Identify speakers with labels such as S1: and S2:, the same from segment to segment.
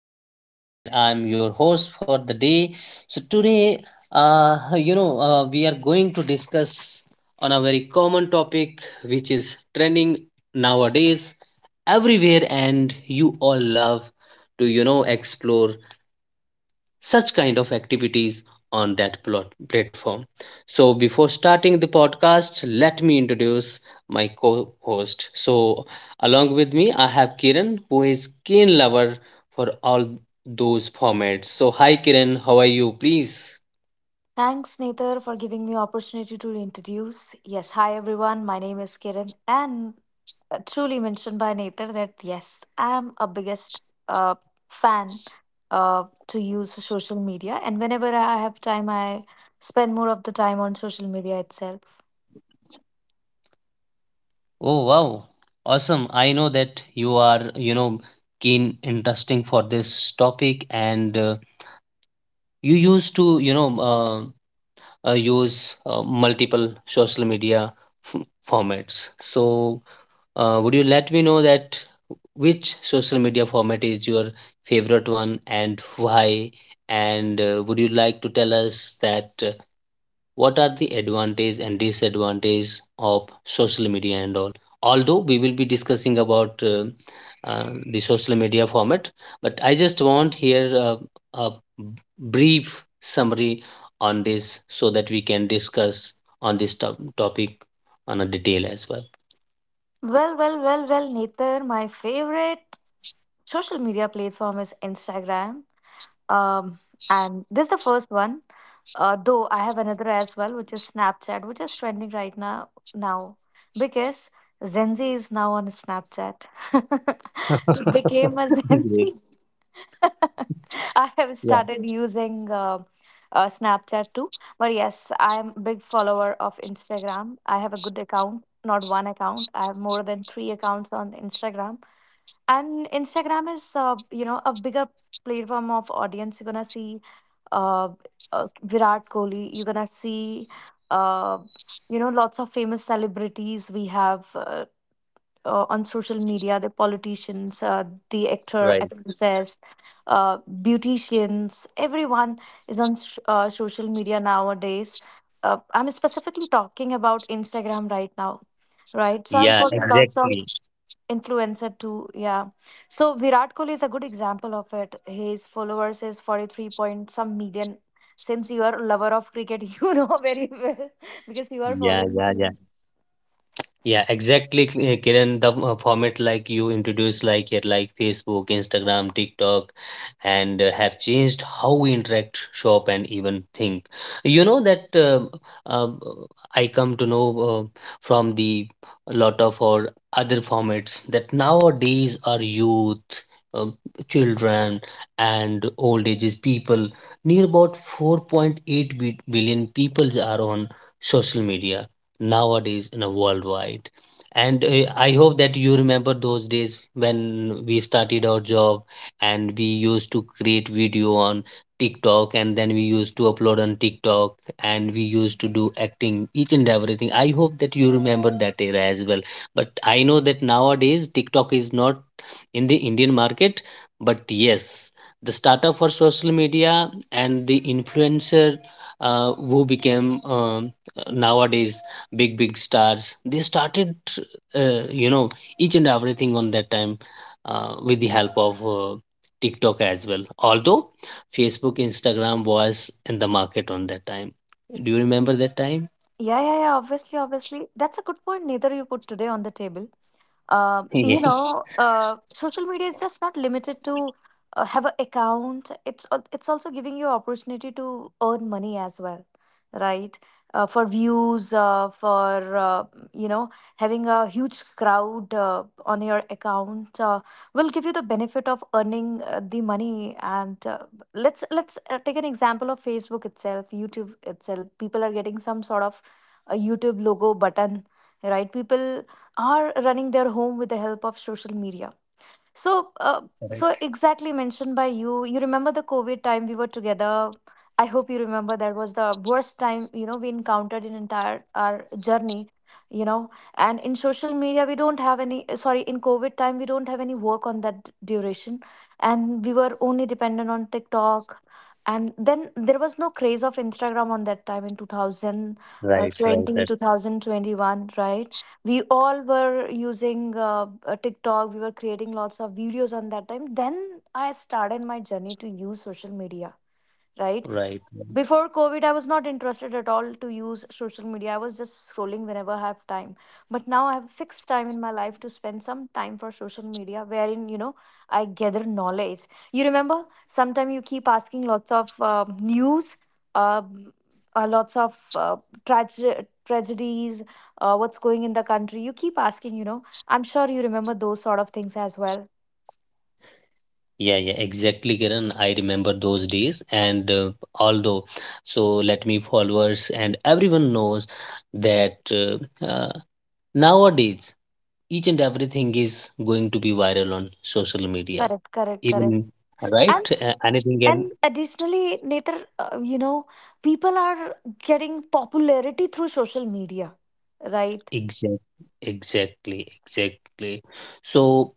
S1: is Nether and I'm your host for the day. So today, we are going to discuss on a very common topic which is trending nowadays everywhere and you all love to explore such kind of activities on that platform. So before starting the podcast, let me introduce my co-host. So along with me, I have Kiran, who is keen lover for all those formats. So hi Kiran, how are you? Please.
S2: Thanks, Nether, for giving me opportunity to introduce. Yes, hi everyone. My name is Kiran, and truly mentioned by Nether that yes, I'm a biggest uh, fan to use social media, and whenever I have time, I spend more of the time on social media itself.
S1: Oh wow, awesome. I know that you are, keen interesting for this topic, and you used to, use multiple social media f- formats. So, would you let me know that which social media format is your favorite one and why? And would you like to tell us that what are the advantage and disadvantage of social media and all? Although we will be discussing about the social media format, but I just want here a b- brief summary on this so that we can discuss on this topic on a detail as well.
S2: Well, Nether, my favorite social media platform is Instagram. Um, and this is the first one. Though I have another as well, which is Snapchat, which is trending right now because Gen Z is now on Snapchat. Became a Gen Z. I have
S1: Yeah.
S2: started using Snapchat too. But yes, I am a big follower of Instagram. I have a good account, not one account. I have more than three accounts on Instagram, and Instagram is a bigger platform of audience. You're gonna see uh, Virat Kohli. You're gonna see uh lots of famous celebrities we have on social media, the politicians, the actor,
S1: Right.
S2: actresses, uh, beauticians, everyone is on social media nowadays. I'm specifically talking about Instagram right now, right? So I'm
S1: Yeah,
S2: following lots of
S1: exactly.
S2: influencer too, yeah. So Virat Kohli is a good example of it. His followers is 43 point some million. Since you are a lover of cricket, you know very well because you are
S1: Yeah,
S2: following
S1: yeah,
S2: too.
S1: yeah. Yeah, exactly, Kiran. The format like you introduced, like here, like Facebook, Instagram, TikTok, and have changed how we interact, shop, and even think. You know that um, I come to know from the lot of our other formats that nowadays our youth, um, children, and old ages people, near about 4.8 billion people are on social media nowadays in a worldwide. And I hope that you remember those days when we started our job and we used to create video on TikTok, and then we used to upload on TikTok, and we used to do acting each and everything. I hope that you remember that era as well. But I know that nowadays TikTok is not in the Indian market, but yes, the startup for social media and the influencer who became nowadays big stars, they started uh, you know each and everything on that time with the help of TikTok as well. Although Facebook, Instagram was in the market on that time. Do you remember that time?
S2: Yeah, yeah, yeah, obviously, obviously, that's a good point, Neither, you put today on the table. Um, you know,
S1: Yes,
S2: uh, social media is just not limited to have an account. It's also giving you opportunity to earn money as well, right? For views, for you know, having a huge crowd on your account will give you the benefit of earning the money. And let's take an example of Facebook itself, YouTube itself. People are getting some sort of a YouTube logo button, right? People are running their home with the help of social media. So, uh, so
S1: correct.
S2: exactly mentioned by you. You remember the COVID time we were together. I hope you remember that was the worst time we encountered in entire our journey. You know, and in social media we don't have any. Sorry, in COVID time we don't have any work on that duration, and we were only dependent on TikTok. And then there was no craze of Instagram on that time in
S1: Right, right,
S2: 2020,
S1: right.
S2: 2021, right? We all were using TikTok. We were creating lots of videos on that time. Then I started my journey to use social media, right?
S1: Right.
S2: Before COVID, I was not interested at all to use social media. I was just scrolling whenever I have time, but now I have a fixed time in my life to spend some time for social media, wherein I gather knowledge. You remember sometimes you keep asking lots of news, uh, lots of tragedies, what's going in the country. You keep asking, I'm sure you remember those sort of things as well.
S1: Yeah, yeah, exactly, Kiran. I remember those days, and although, so let me followers and everyone knows that uh, nowadays each and everything is going to be viral on social media.
S2: Correct, correct, correct.
S1: Even right,
S2: and
S1: anything else?
S2: And additionally, Nater, people are getting popularity through social media, right?
S1: Exactly, exactly, exactly. So,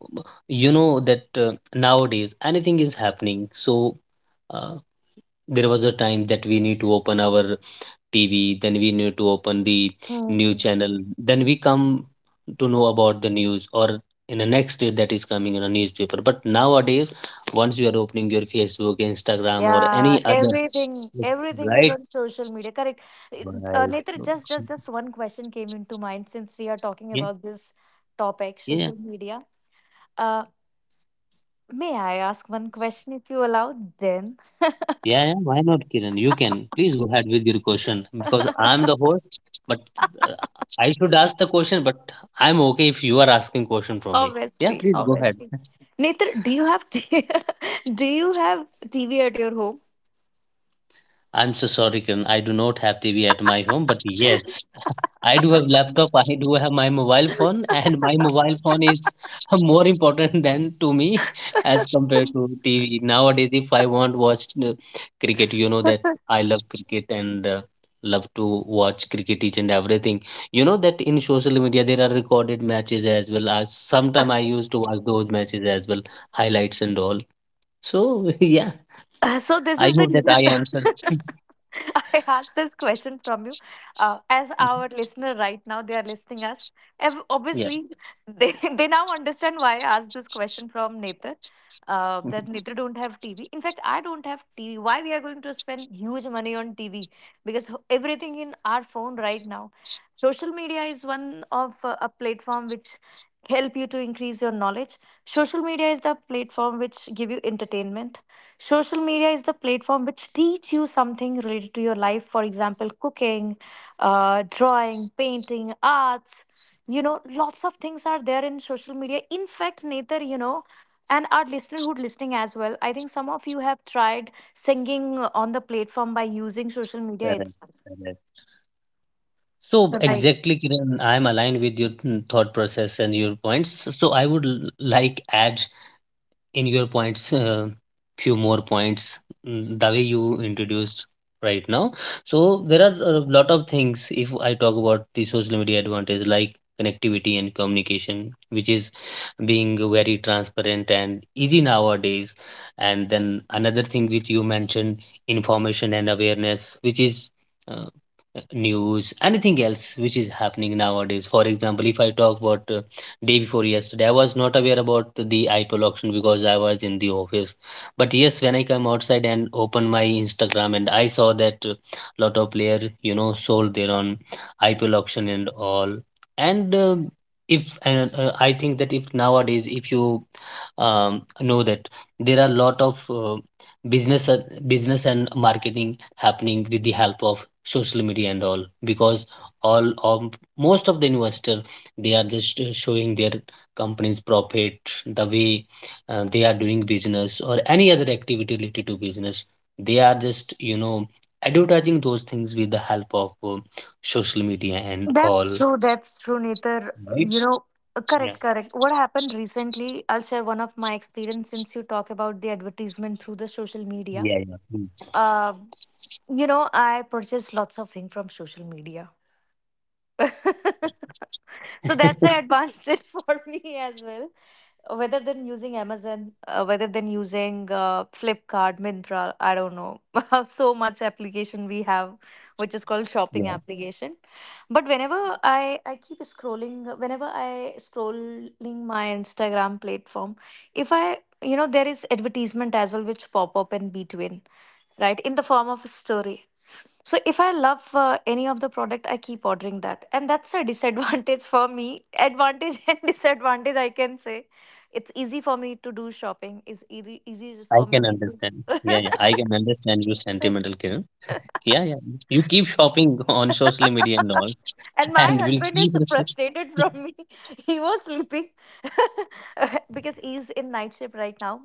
S1: you know that nowadays anything is happening. So, uh, there was a time that we need to open our TV, then we need to open the new
S2: Hmm.
S1: channel, then we come to know about the news or in the next day that is coming in a newspaper. But nowadays, once you are opening your Facebook, Instagram, or
S2: Yeah,
S1: any other,
S2: everything,
S1: like,
S2: everything is
S1: right,
S2: on social media. Correct.
S1: right,
S2: Netar, just one question came into mind since we are talking
S1: yeah,
S2: about this topic,
S1: yeah.
S2: social media. Uh, may I ask one question if you allow? Then,
S1: Yeah, yeah, why not, Kiran? You can. Please go ahead with your question because I'm the host, but uh, I should ask the question, but I'm okay if you are asking question from me. Yeah,
S2: obviously,
S1: please go ahead.
S2: obviously. Netar, do you have do you have TV at your home?
S1: I'm so sorry, Kiran. I do not have TV at my home, but yes, I do have laptop, I do have my mobile phone, and my mobile phone is more important than to me as compared to TV. Nowadays, if I want watch the cricket, you know
S2: Uh,
S1: that I love cricket, and love to watch cricket each and everything. You know that in social media there are recorded matches, as well as sometime I used to watch those matches as well, highlights and all. So yeah,
S2: so this
S1: I
S2: is the
S1: hope that I answered.
S2: reason I asked this question from you. As our listener right now, they are listening us.
S1: Yeah,
S2: Obviously, they, they now understand why I asked this question from Nether. That Nether don't have TV. In fact, I don't have TV. Why we are going to spend huge money on TV? Because everything in our phone right now, social media is one of a platform which help you to increase your knowledge. Social media is the platform which give you entertainment. Social media is the platform which teach you something related to your life. For example, cooking, drawing, painting, arts. Lots of things are there in social media. In fact, Nether, and our listener who's listening as well, I think some of you have tried singing on the platform by using social media
S1: correct.
S2: itself.
S1: Correct. So
S2: Right.
S1: exactly, Kiran, I'm aligned with your mm, thought process and your points. So I would like add in your points few more points mm, the way you introduced right now. So there are a lot of things if I talk about the social media advantage, like connectivity and communication, which is being very transparent and easy nowadays, and then another thing which you mentioned, information and awareness, which is uh, news anything else which is happening nowadays. For example, if I talk about day before yesterday, I was not aware about the IPL auction because I was in the office. But yes, when I come outside and open my Instagram, and I saw that lot of player, you know, sold their own IPL auction and all. And if and I think that if nowadays if you know that there are a lot of business uh, business and marketing happening with the help of social media and all, because all of most of the investor, they are just showing their company's profit, the way they are doing business, or any other activity related to business. They are just, you know, advertising those things with the help of social media and
S2: That's
S1: all.
S2: true. That's true, Nether.
S1: Right? Yeah.
S2: Correct, correct. What happened recently, I'll share one of my experience since you talk about the advertisement through the social media.
S1: Yeah, yeah,
S2: Um, I purchase lots of things from social media. So that's the
S1: please.
S2: advantage for me as well. Whether than using Amazon, whether than using Flipkart, Mintra, I don't know. So much application we have, which is called shopping
S1: Yeah,
S2: application. But whenever I keep scrolling, whenever I scrolling my Instagram platform, if I there is advertisement as well which pop up in between, right, in the form of a story. So if I love any of the product, I keep ordering that, and that's a disadvantage for me. Advantage and disadvantage, I can say. It's easy for me to do shopping. It's easy, easy
S1: I
S2: for
S1: can
S2: me
S1: understand.
S2: to.
S1: Yeah, yeah, I can understand you sentimental, Kiran. Yeah, yeah. You keep shopping on social media and all,
S2: And my
S1: and will
S2: husband
S1: keep.
S2: is frustrated from me. He was sleeping because he's in night shift right now.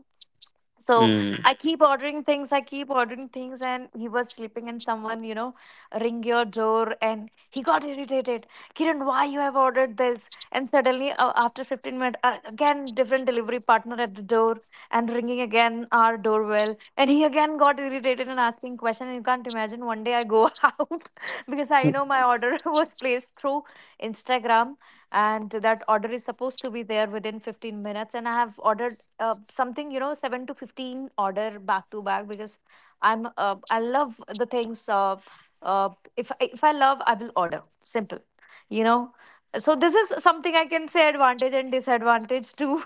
S2: So
S1: Mm.
S2: I keep ordering things, I keep ordering things, and he was sleeping, and someone, ring your door, and he got irritated. Kiran, why you have ordered this? And suddenly, after 15 minutes, again, different delivery partner at the door, and ringing again our doorbell, and he again got irritated and asking question. You can't imagine. One day I go out because I know my order was placed through Instagram, and that order is supposed to be there within 15 minutes, and I have ordered something 7 to 15 order back to back because I love the things uh, if I love, I will order. Simple, you know so this is something I can say advantage and disadvantage too.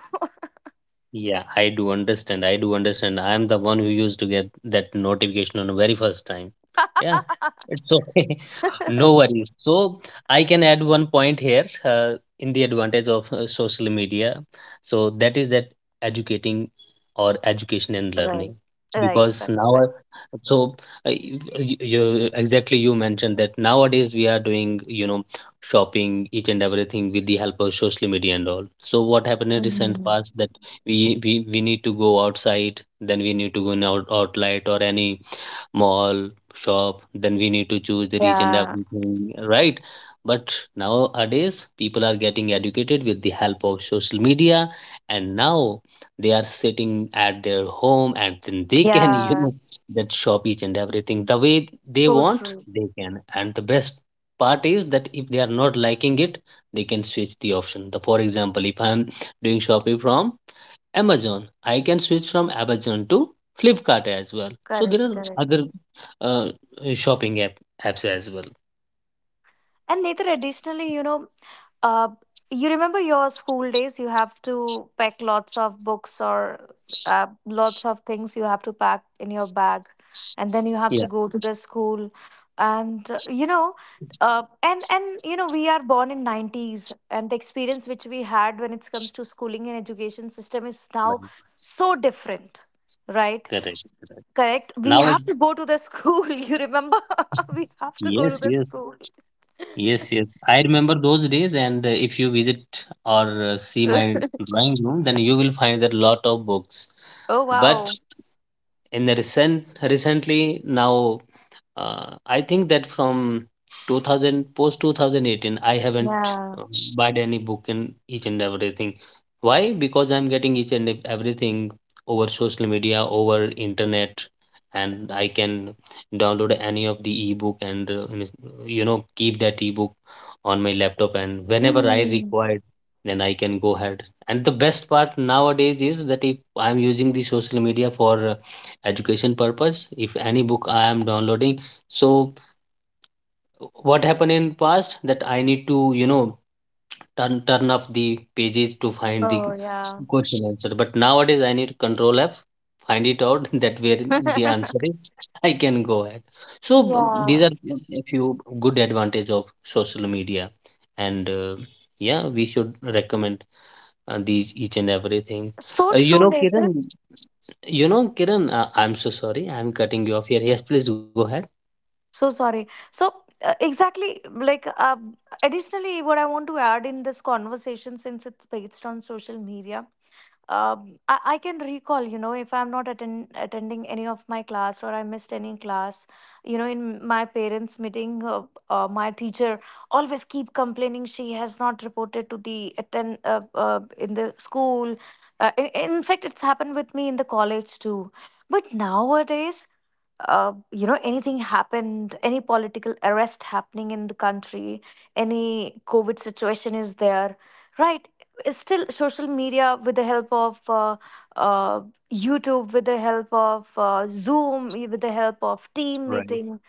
S1: Yeah, I do understand. I do understand. I am the one who used to get that notification on the very first time. Yeah, it's okay. No worries. So I can add one point here in the advantage of social media. So that is that educating or education and
S2: Right.
S1: learning.
S2: Right,
S1: Because
S2: right,
S1: now,
S2: right.
S1: so you, exactly you mentioned that nowadays we are doing, you know, shopping each and everything with the help of social media and all. So what happened in recent past that we need to go outside, then we need to go in out, outlet or any mall shop, then we need to choose the
S2: Yeah.
S1: region everything, right, but nowadays people are getting educated with the help of social media, and now they are sitting at their home, and then they can
S2: Yeah.
S1: you know that shop each and everything the way they
S2: So
S1: want
S2: true.
S1: they can. And the best part is that if they are not liking it, they can switch the option the, for example, if I'm doing shopping from Amazon, I can switch from Amazon to Flipkart as well. So there
S2: Correct.
S1: are
S2: Correct.
S1: other uh, shopping apps as well.
S2: And Neither, additionally, Uh, you remember your school days? You have to pack lots of books or lots of things you have to pack in your bag, and then you have to
S1: Yeah,
S2: go to the school, and we are born in nineties, and the experience which we had when it comes to schooling and education system is now
S1: right.
S2: so different, right?
S1: Correct. Correct.
S2: Correct. We
S1: Now,
S2: have to go to the school. You remember? We have to go to
S1: yes,
S2: the
S1: yes,
S2: school.
S1: yes, yes. I remember those days, and if you visit or see my drawing room, then you will find that lot of books.
S2: Oh,
S1: But
S2: wow!
S1: in the recent recently now, uh, I think that from 2000 post 2018, I haven't
S2: Yeah.
S1: bought any book in each and everything. Why? Because I'm getting each and everything over social media, over internet, and I can download any of the ebook, and it's- you know keep that ebook on my laptop, and whenever I
S2: Mm-hmm.
S1: required, then I can go ahead. And the best part nowadays is that if I'm using the social media for education purpose, if any book I am downloading, so what happened in past that I need to you know turn off the pages to find the
S2: Oh, yeah.
S1: question answer, but nowadays I need control F, find it out that where the answer is. I can go ahead. So these
S2: Yeah.
S1: are a few good advantage of social media, and yeah, we should recommend these each and everything.
S2: So
S1: uh, you
S2: true,
S1: know kiran
S2: Nathan.
S1: you know, Kiran, I'm so sorry. I'm cutting you off here. Yes, please go ahead.
S2: So sorry. So, exactly, like, additionally, what I want to add in this conversation, since it's based on social media, I can recall, if I'm not attending any of my class or I missed any class, in my parents' meeting, my teacher always keep complaining she has not reported to the attend in the school. In fact, it's happened with me in the college too. But nowadays, anything happened, any political arrest happening in the country, any COVID situation is there, right? It's still social media with the help of uh, YouTube, with the help of Zoom, with the help of team
S1: Right,
S2: meeting,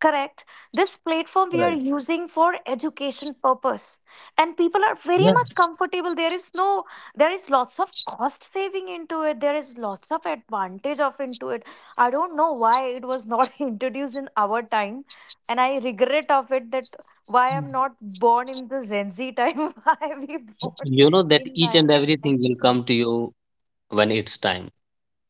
S2: correct, this platform we are
S1: right.
S2: using for education purpose, and people are very
S1: Yeah.
S2: much comfortable. There is no. There is lots of cost saving into it. There is lots of advantage of into it. I don't know why it was not introduced in our time, and I regret of it that why I'm not born in the Gen Z time. Why we born
S1: You know that
S2: in
S1: each and
S2: 90s?
S1: everything will come to you when it's time.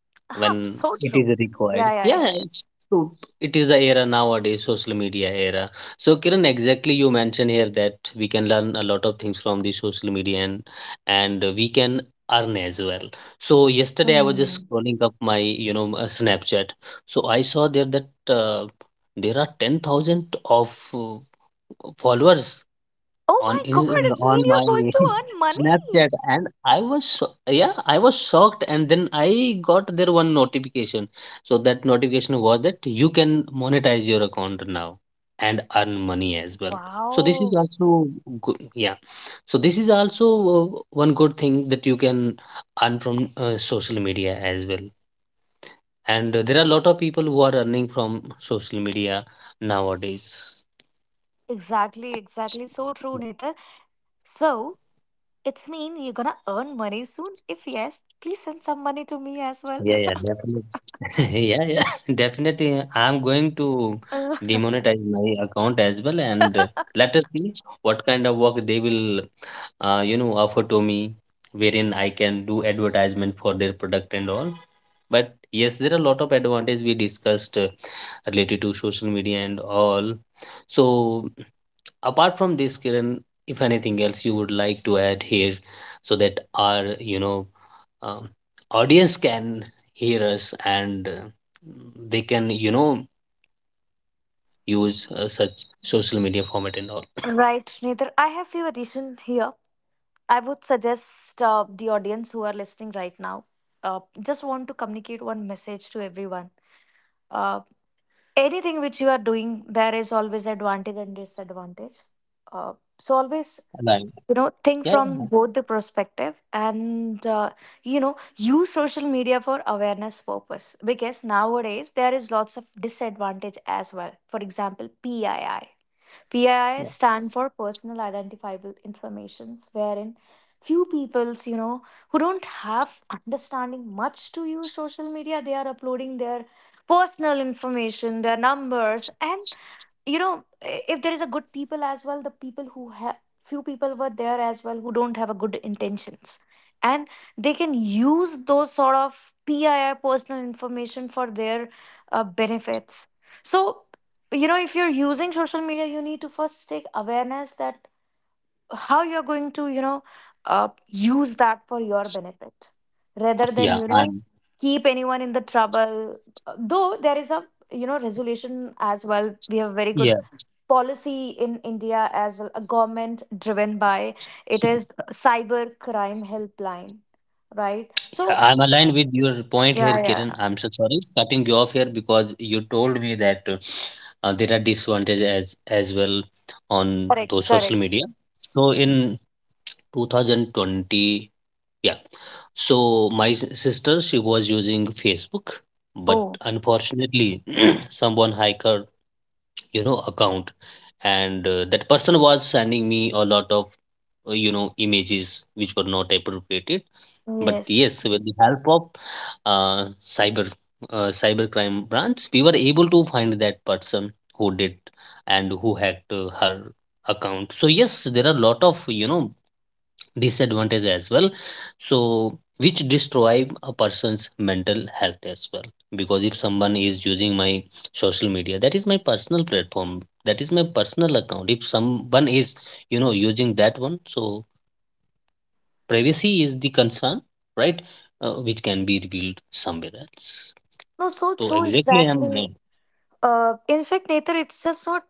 S2: Huh, so
S1: When
S2: true.
S1: it is
S2: Yeah,
S1: required.
S2: yeah, yeah,
S1: Yeah,
S2: yeah.
S1: it's true. It is the era nowadays, social media era. So, Kiran, exactly you mentioned here that we can learn a lot of things from the social media, and we can earn as well. So, yesterday I was
S2: Mhm.
S1: just scrolling up my, you know, Snapchat. So, I saw there that there are 10,000 of followers
S2: Oh my
S1: on
S2: god,
S1: in,
S2: it's mean
S1: on
S2: you're
S1: my
S2: going to earn money.
S1: Snapchat, and I was yeah, I was shocked, and then I got there one notification. So that notification was that you can monetize your account now and earn money as well. So this
S2: Wow,
S1: is also good, yeah. So this is also one good thing that you can earn from social media as well. And there are a lot of people who are earning from social media nowadays.
S2: exactly, exactly. So true, Nether. So it's mean you're gonna earn money soon? If yes, please send some money to me as well.
S1: Yeah, yeah, yeah, yeah, definitely. I'm going to demonetize my account as well, and let us see what kind of work they will, you know, offer to me, wherein I can do advertisement for their product and all. But yes, there are a lot of advantages we discussed related to social media and all. So apart from this, Kiran, if anything else you would like to add here, so that our, um, audience can hear us and they can use such social media format and all
S2: Right, Nether. I have few addition here. I would suggest the audience who are listening right now, just want to communicate one message to everyone. Uh, anything which you are doing, there is always advantage and disadvantage. So always
S1: aligned.
S2: think
S1: Yeah,
S2: from
S1: yeah,
S2: both the perspective and use social media for awareness purpose, because nowadays there is lots of disadvantage as well. For example, pii, pii
S1: yeah.
S2: stand for personal identifiable informations, wherein few peoples, who don't have understanding much to use social media, they are uploading their personal information, their numbers, and you know if there is a good people as well, the people who have, few people were there as well who don't have a good intentions, and they can use those sort of pii personal information for their benefits. So if you're using social media, you need to first take awareness that how you're going to use that for your benefit, rather than
S1: Yeah, I'm
S2: keep anyone in the trouble. Though there is a resolution as well, we have very good
S1: yeah,
S2: policy in India as well, a government driven by, it is cyber crime helpline, right? So
S1: yeah, I'm aligned with your point here,
S2: yeah, yeah,
S1: Kiran. I'm so sorry cutting you off here because you told me that there are disadvantages as well on
S2: correct,
S1: those social
S2: correct.
S1: media. So in 2020. Yeah. So my sister, she was using Facebook, but
S2: Oh
S1: unfortunately, someone hacked her, account, and that person was sending me a lot of images which were not appropriate. But
S2: yes,
S1: yes, with the help of uh, cyber cybercrime branch, we were able to find that person who did and who hacked her account. So yes, there are a lot of disadvantage as well, so which destroy a person's mental health as well, because if someone is using my social media, that is my personal platform, that is my personal account. If someone is using that one, so privacy is the concern, right? Which can be revealed somewhere else.
S2: no, so
S1: So
S2: true,
S1: exactly, I'm right.
S2: exactly. In fact, Nether, it's just not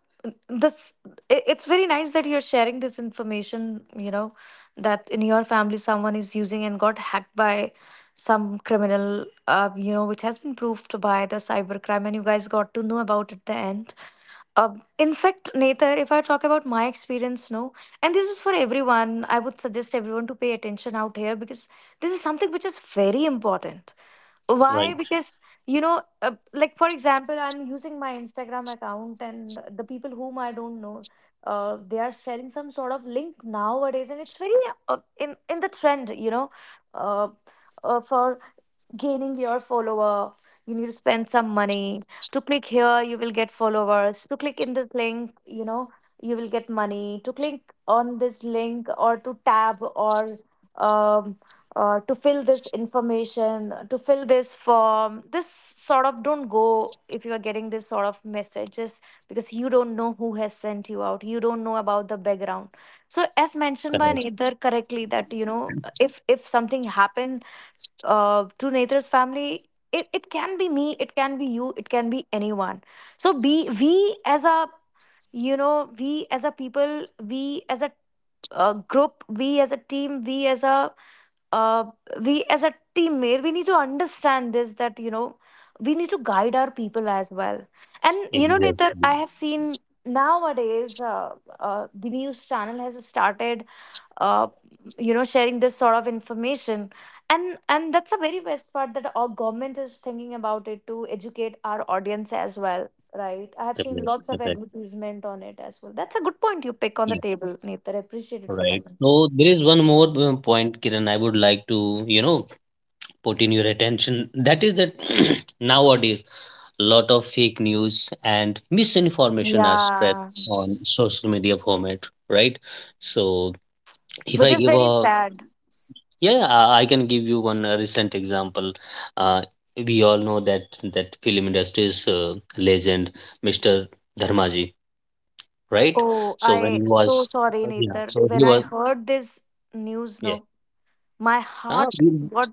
S2: this. It's very nice that you're sharing this information. You know that in your family someone is using and got hacked by some criminal, which has been proved by the cyber crime, and you guys got to know about at the end. Uh, in fact, Nether, if I talk about my experience, no, and this is for everyone, I would suggest everyone to pay attention out here, because this is something which is very important. Why?
S1: Right.
S2: Because, like for example, I'm using my Instagram account, and the people whom I don't know, they are sharing some sort of link nowadays, and it's very in the trend, uh, for gaining your follower, you need to spend some money. To click here, you will get followers. To click in this link, you will get money. To click on this link or to tab, or um, to fill this information, to fill this form, this sort of, don't go if you are getting this sort of messages, because you don't know who has sent you out. You don't know about the background. So as mentioned by
S1: Correct.
S2: Nidhar correctly, that if something happen to Netra's family, it can be me, it can be you, it can be anyone. So be we as a we as a people, we as a group, we as a team, uh, we as a teammate, we need to understand this, that we need to guide our people as well. And you know, Netra,
S1: Exactly.
S2: I have seen nowadays the news channel has started uh, sharing this sort of information, and that's a very best part, that our government is thinking about it to educate our audience as well, right? I have seen
S1: Correct,
S2: lots of
S1: correct.
S2: advertisement on it as well. That's a good point you pick on the
S1: Yeah,
S2: table, Neetar. I appreciate it for that.
S1: right. So there is one more point, Kiran, I would like to you know put in your attention. That is that nowadays, a lot of fake news and misinformation are spread
S2: Yeah,
S1: on social media format, right? So if
S2: which
S1: I
S2: is
S1: give
S2: very
S1: a,
S2: sad.
S1: yeah, I can give you one recent example. uh, we all know that that film industry's legend, Mr. Dharmaji, right?
S2: Oh,
S1: So when he
S2: I so
S1: was,
S2: sorry,
S1: yeah,
S2: Neetar.
S1: so he
S2: When I
S1: was,
S2: heard this news, no,
S1: yeah.
S2: my
S1: uh,
S2: heart got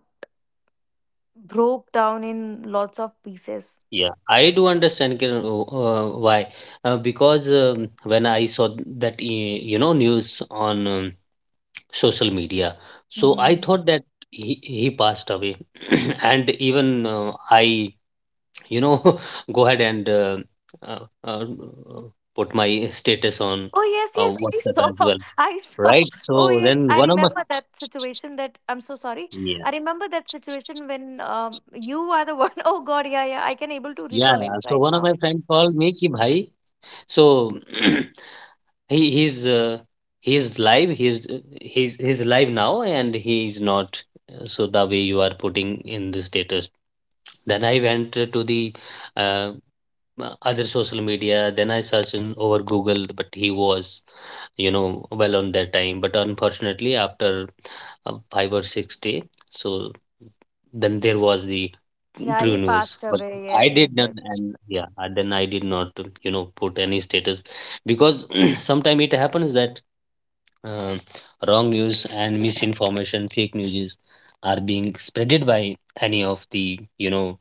S2: broke down in lots of pieces.
S1: Yeah, I do understand Kiran, why. Because when I saw that, news on social media, so I thought that he passed away. And even I, you know, go ahead and uh, uh, put my status on
S2: Oh yes, yes. I
S1: WhatsApp
S2: saw.
S1: as well,
S2: I saw.
S1: right?
S2: Oh
S1: So
S2: yes,
S1: then
S2: I
S1: one of my,
S2: remember that situation. That I'm so sorry.
S1: yeah,
S2: I remember that situation when you are the one. Oh God, yeah, yeah. I can able to
S1: yeah,
S2: recall
S1: yeah.
S2: it
S1: So
S2: right
S1: one of
S2: now.
S1: my friend called me, ki bhai, so He's he's live. He's he's live now, and he's not. So the way you are putting in the status, then I went to the uh, other social media. Then I searched in over Google, but he was, well on that time. But unfortunately, after 5 or 6 day, so then there was the
S2: Yeah,
S1: true
S2: he
S1: news.
S2: passed
S1: But
S2: away.
S1: I
S2: Yes, yes,
S1: did not,
S2: yes.
S1: and yeah, and then I did not, put any status, because sometime it happens that uh, wrong news and misinformation, fake news is, are being spreaded by any of the,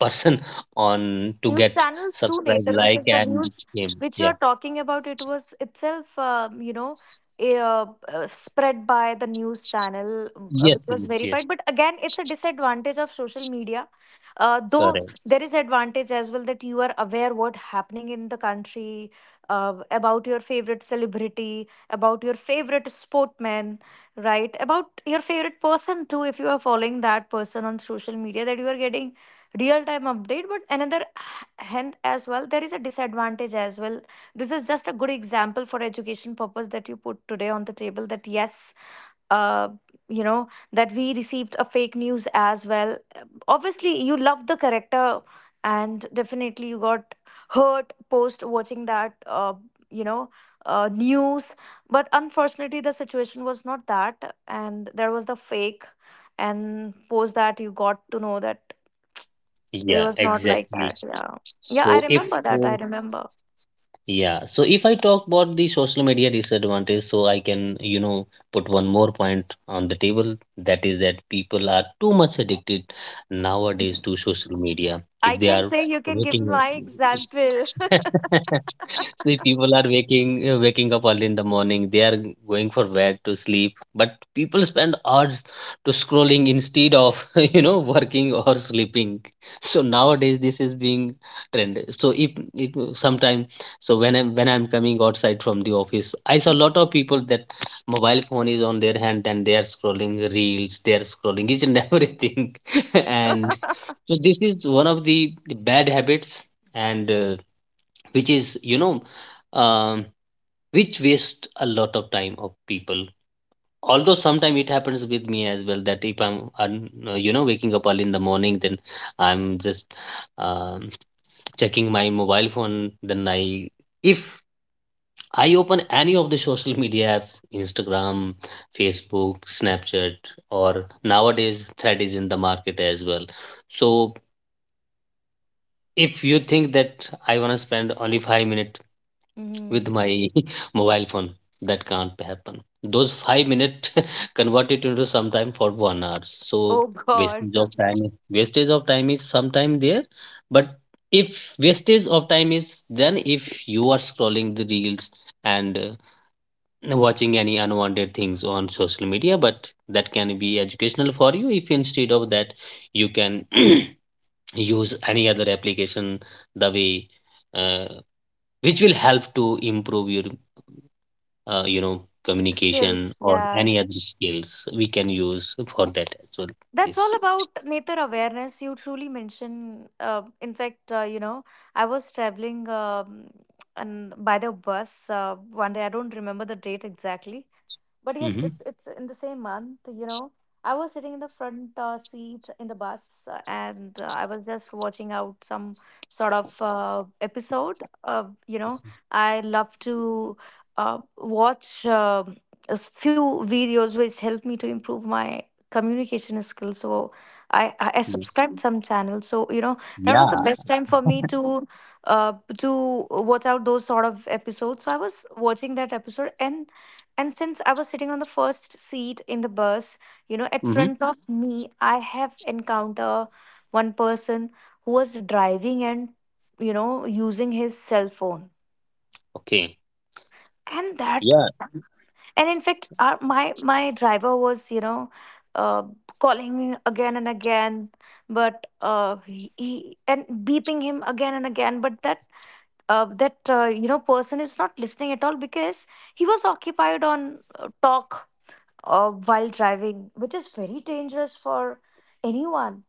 S1: person on to
S2: News
S1: get
S2: channels too,
S1: subscribe,
S2: Nether,
S1: like,
S2: because the
S1: and
S2: news
S1: him.
S2: which you
S1: Yeah.
S2: are talking about, it was itself, spread by the news channel, which
S1: Yes,
S2: was
S1: yes, yes.
S2: verified, but again it's a disadvantage of social media. Though
S1: Correct.
S2: there is advantage as well, that you are aware what happening in the country, about your favorite celebrity, about your favorite sportman, right? About your favorite person too, if you are following that person on social media, that you are getting real time update. But another, and as well, there is a disadvantage as well. This is just a good example for education purpose that you put today on the table, that yes, uh, that we received a fake news as well. Obviously you love the character, and definitely you got hurt post watching that, you know news, but unfortunately the situation was not that, and there was the fake, and post that you got to know that it
S1: Yeah,
S2: was not like
S1: exactly.
S2: that. Yeah. Yeah, I
S1: So if
S2: remember that.
S1: uh,
S2: I remember.
S1: yeah, so if I talk about the social media disadvantage, so I can, put one more point on the table. That is that people are too much addicted nowadays to social media.
S2: I
S1: If they
S2: can
S1: are
S2: say you can give
S1: waking,
S2: my example.
S1: see, people are waking waking up early in the morning. They are going for bed to sleep, but people spend hours to scrolling instead of working or sleeping. So nowadays, this is being trend. So if sometime, so when I'm coming outside from the office, I saw a lot of people that mobile phone is on their hand, and they are scrolling reels, they are scrolling each and everything, and so this is one of the bad habits, and which is um, which waste a lot of time of people, although sometimes it happens with me as well that if I'm waking up early in the morning, then I'm just, um, checking my mobile phone, then I if I open any of the social media app, Instagram, Facebook, Snapchat, or nowadays Thread is in the market as well. So if you think that I wanna spend only 5 minutes with
S2: Mhm.
S1: my mobile phone, that can't happen. Those 5 minutes convert it into sometime for 1 hour. So
S2: Oh God.
S1: wastage of time is sometime there, but if wastage of time is, then if you are scrolling the reels, and watching any unwanted things on social media, but that can be educational for you. If instead of that, you can use any other application the way, uh, which will help to improve your communication
S2: Skills.
S1: or
S2: Yeah.
S1: any other skills we can use for that as well.
S2: That's all
S1: This.
S2: about nature awareness. You truly mention. In fact, I was traveling and by the bus one day. I don't remember the date exactly. But yes,
S1: Mm-hmm.
S2: it's in the same month, you know. I was sitting in the front seat in the bus, and I was just watching out some sort of episode. I love to watch few videos which help me to improve my communication skills. So I
S1: Yeah,
S2: subscribed some channels. So you know, that was the
S1: yeah.
S2: best time for me uh, to watch out those sort of episodes. So I was watching that episode, and since I was sitting on the first seat in the bus, you know, at
S1: Mm-hmm.
S2: front of me I have encounter one person who was driving, and you know, using his cell phone,
S1: Okay.
S2: and that,
S1: Yeah.
S2: and in fact our, my driver was uh, calling me again and again, but he and beeping him again and again, but that that person is not listening at all, because he was occupied on talk while driving, which is very dangerous for anyone.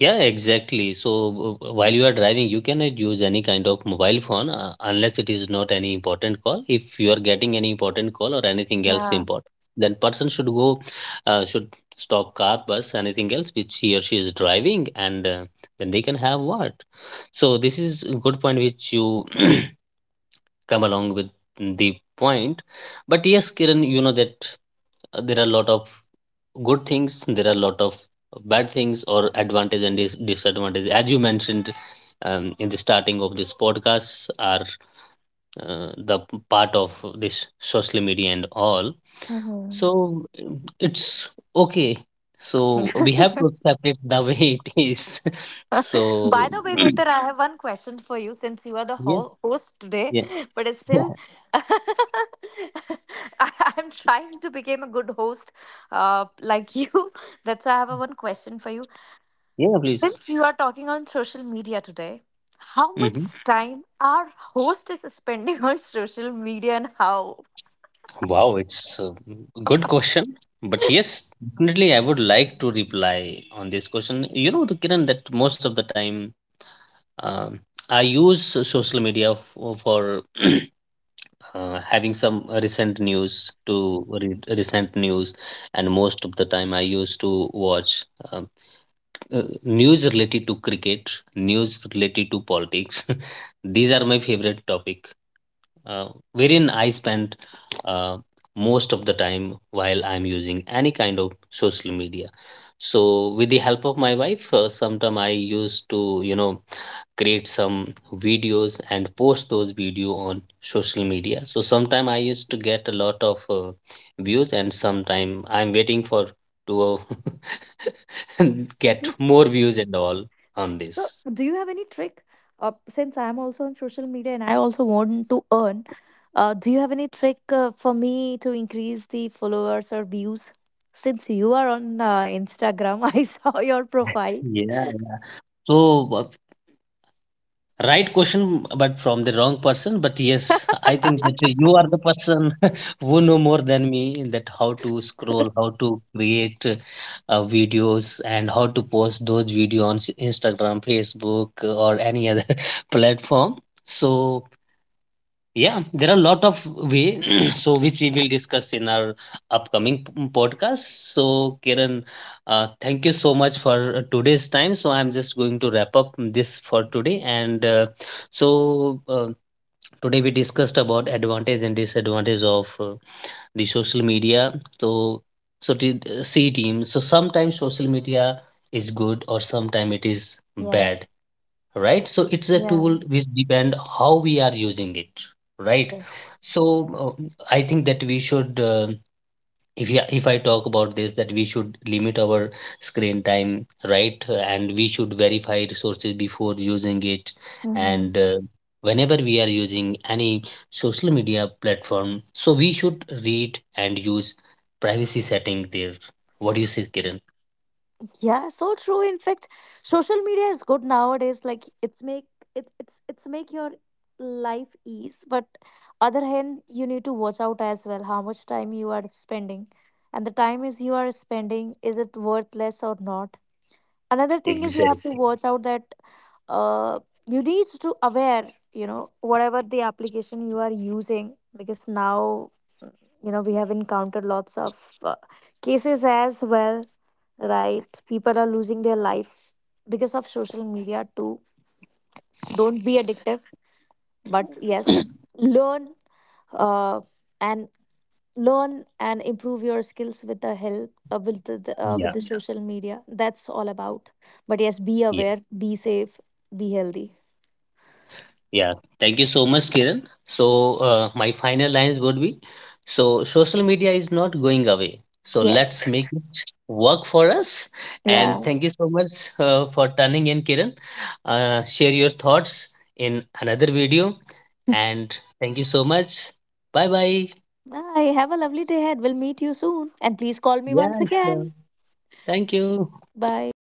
S1: Yeah, exactly. So while you are driving, you cannot use any kind of mobile phone, unless it is not any important call. If you are getting any important call or anything else
S2: Yeah.
S1: important, then person should go, should stop car, bus, anything else which he or she is driving, and then they can have what. So this is a good point which you come along with the point. But yes, Kiran, you know that there are a lot of good things, there are a lot of bad things, or advantage and disadvantage, as you mentioned in the starting of this podcast, are the part of this social media and all.
S2: Hmm.
S1: So it's okay. So we have to accept it the way it is. So
S2: By the way, Netar, I have one question for you since you are the
S1: yeah,
S2: host today,
S1: yeah,
S2: but it's still,
S1: yeah,
S2: I- I'm trying to become a good host like you. That's why I have a one question for you.
S1: yeah, please.
S2: Since you are talking on social media today, how
S1: Mm-hmm.
S2: much time our host is spending on social media and how?
S1: Wow, it's a good question. But yes, definitely, I would like to reply on this question. You know, the Kiran, that most of the time, um I use social media for, having some recent news to read recent news, and most of the time I used to watch, um, news related to cricket, news related to politics. These are my favorite topic, uh, wherein I spend uh, most of the time while I'm using any kind of social media. So, with the help of my wife, sometime I used to, create some videos and post those video on social media. So, sometime I used to get a lot of views, and sometime I'm waiting for to uh, get more views and all on
S2: So,
S1: this.
S2: do you have any trick? Since I'm also on social media and I also want to earn, do you have any trick for me to increase the followers or views? Since you are on Instagram, I saw your profile.
S1: Yeah. Yeah. So, right question, but from the wrong person. But yes, I think that you are the person who know more than me in that, how to scroll, how to create videos, and how to post those videos on Instagram, Facebook, or any other platform. So yeah, there are a lot of way. So which we will discuss in our upcoming podcast. So Kiran, thank you so much for today's time. So I'm just going to wrap up this for today, and so, today we discussed about advantage and disadvantage of the social media. So so to c team, so sometimes social media is good or sometimes it is bad,
S2: Yes.
S1: right? So it's a
S2: Yeah.
S1: tool which depend how we are using it, right?
S2: Yes.
S1: So I think that we should, if yeah, if I talk about this, that we should limit our screen time, right? And we should verify resources before using it, and whenever we are using any social media platform, so we should read and use privacy setting there. What do you say, Kiran?
S2: Yeah, so true. In fact, social media is good nowadays. Like it's make it's make your life ease. But other hand, you need to watch out as well how much time you are spending. And the time is you are spending, is it worthless or not? Another thing is you have to
S1: Exactly.
S2: watch out that uh you need to aware, you know, whatever the application you are using, because now you know we have encountered lots of uh, cases as well, right? People are losing their life because of social media too. Don't be addictive, but yes, learn uh, and learn and improve your skills with the help with
S1: Yeah.
S2: the Yeah. social media. That's all about. But yes, be aware, be safe, be healthy.
S1: Yeah, thank you so much, Kiran. So, my final lines would be, so social media is not going away. So,
S2: Yes.
S1: let's make it work for us. And
S2: Yeah.
S1: thank you so much for turning in, Kiran. Share your thoughts in another video. And thank you so much. Bye bye.
S2: I have a lovely day ahead. We'll meet you soon, and please call me once
S1: Yeah, sure.
S2: again.
S1: Thank you.
S2: Bye.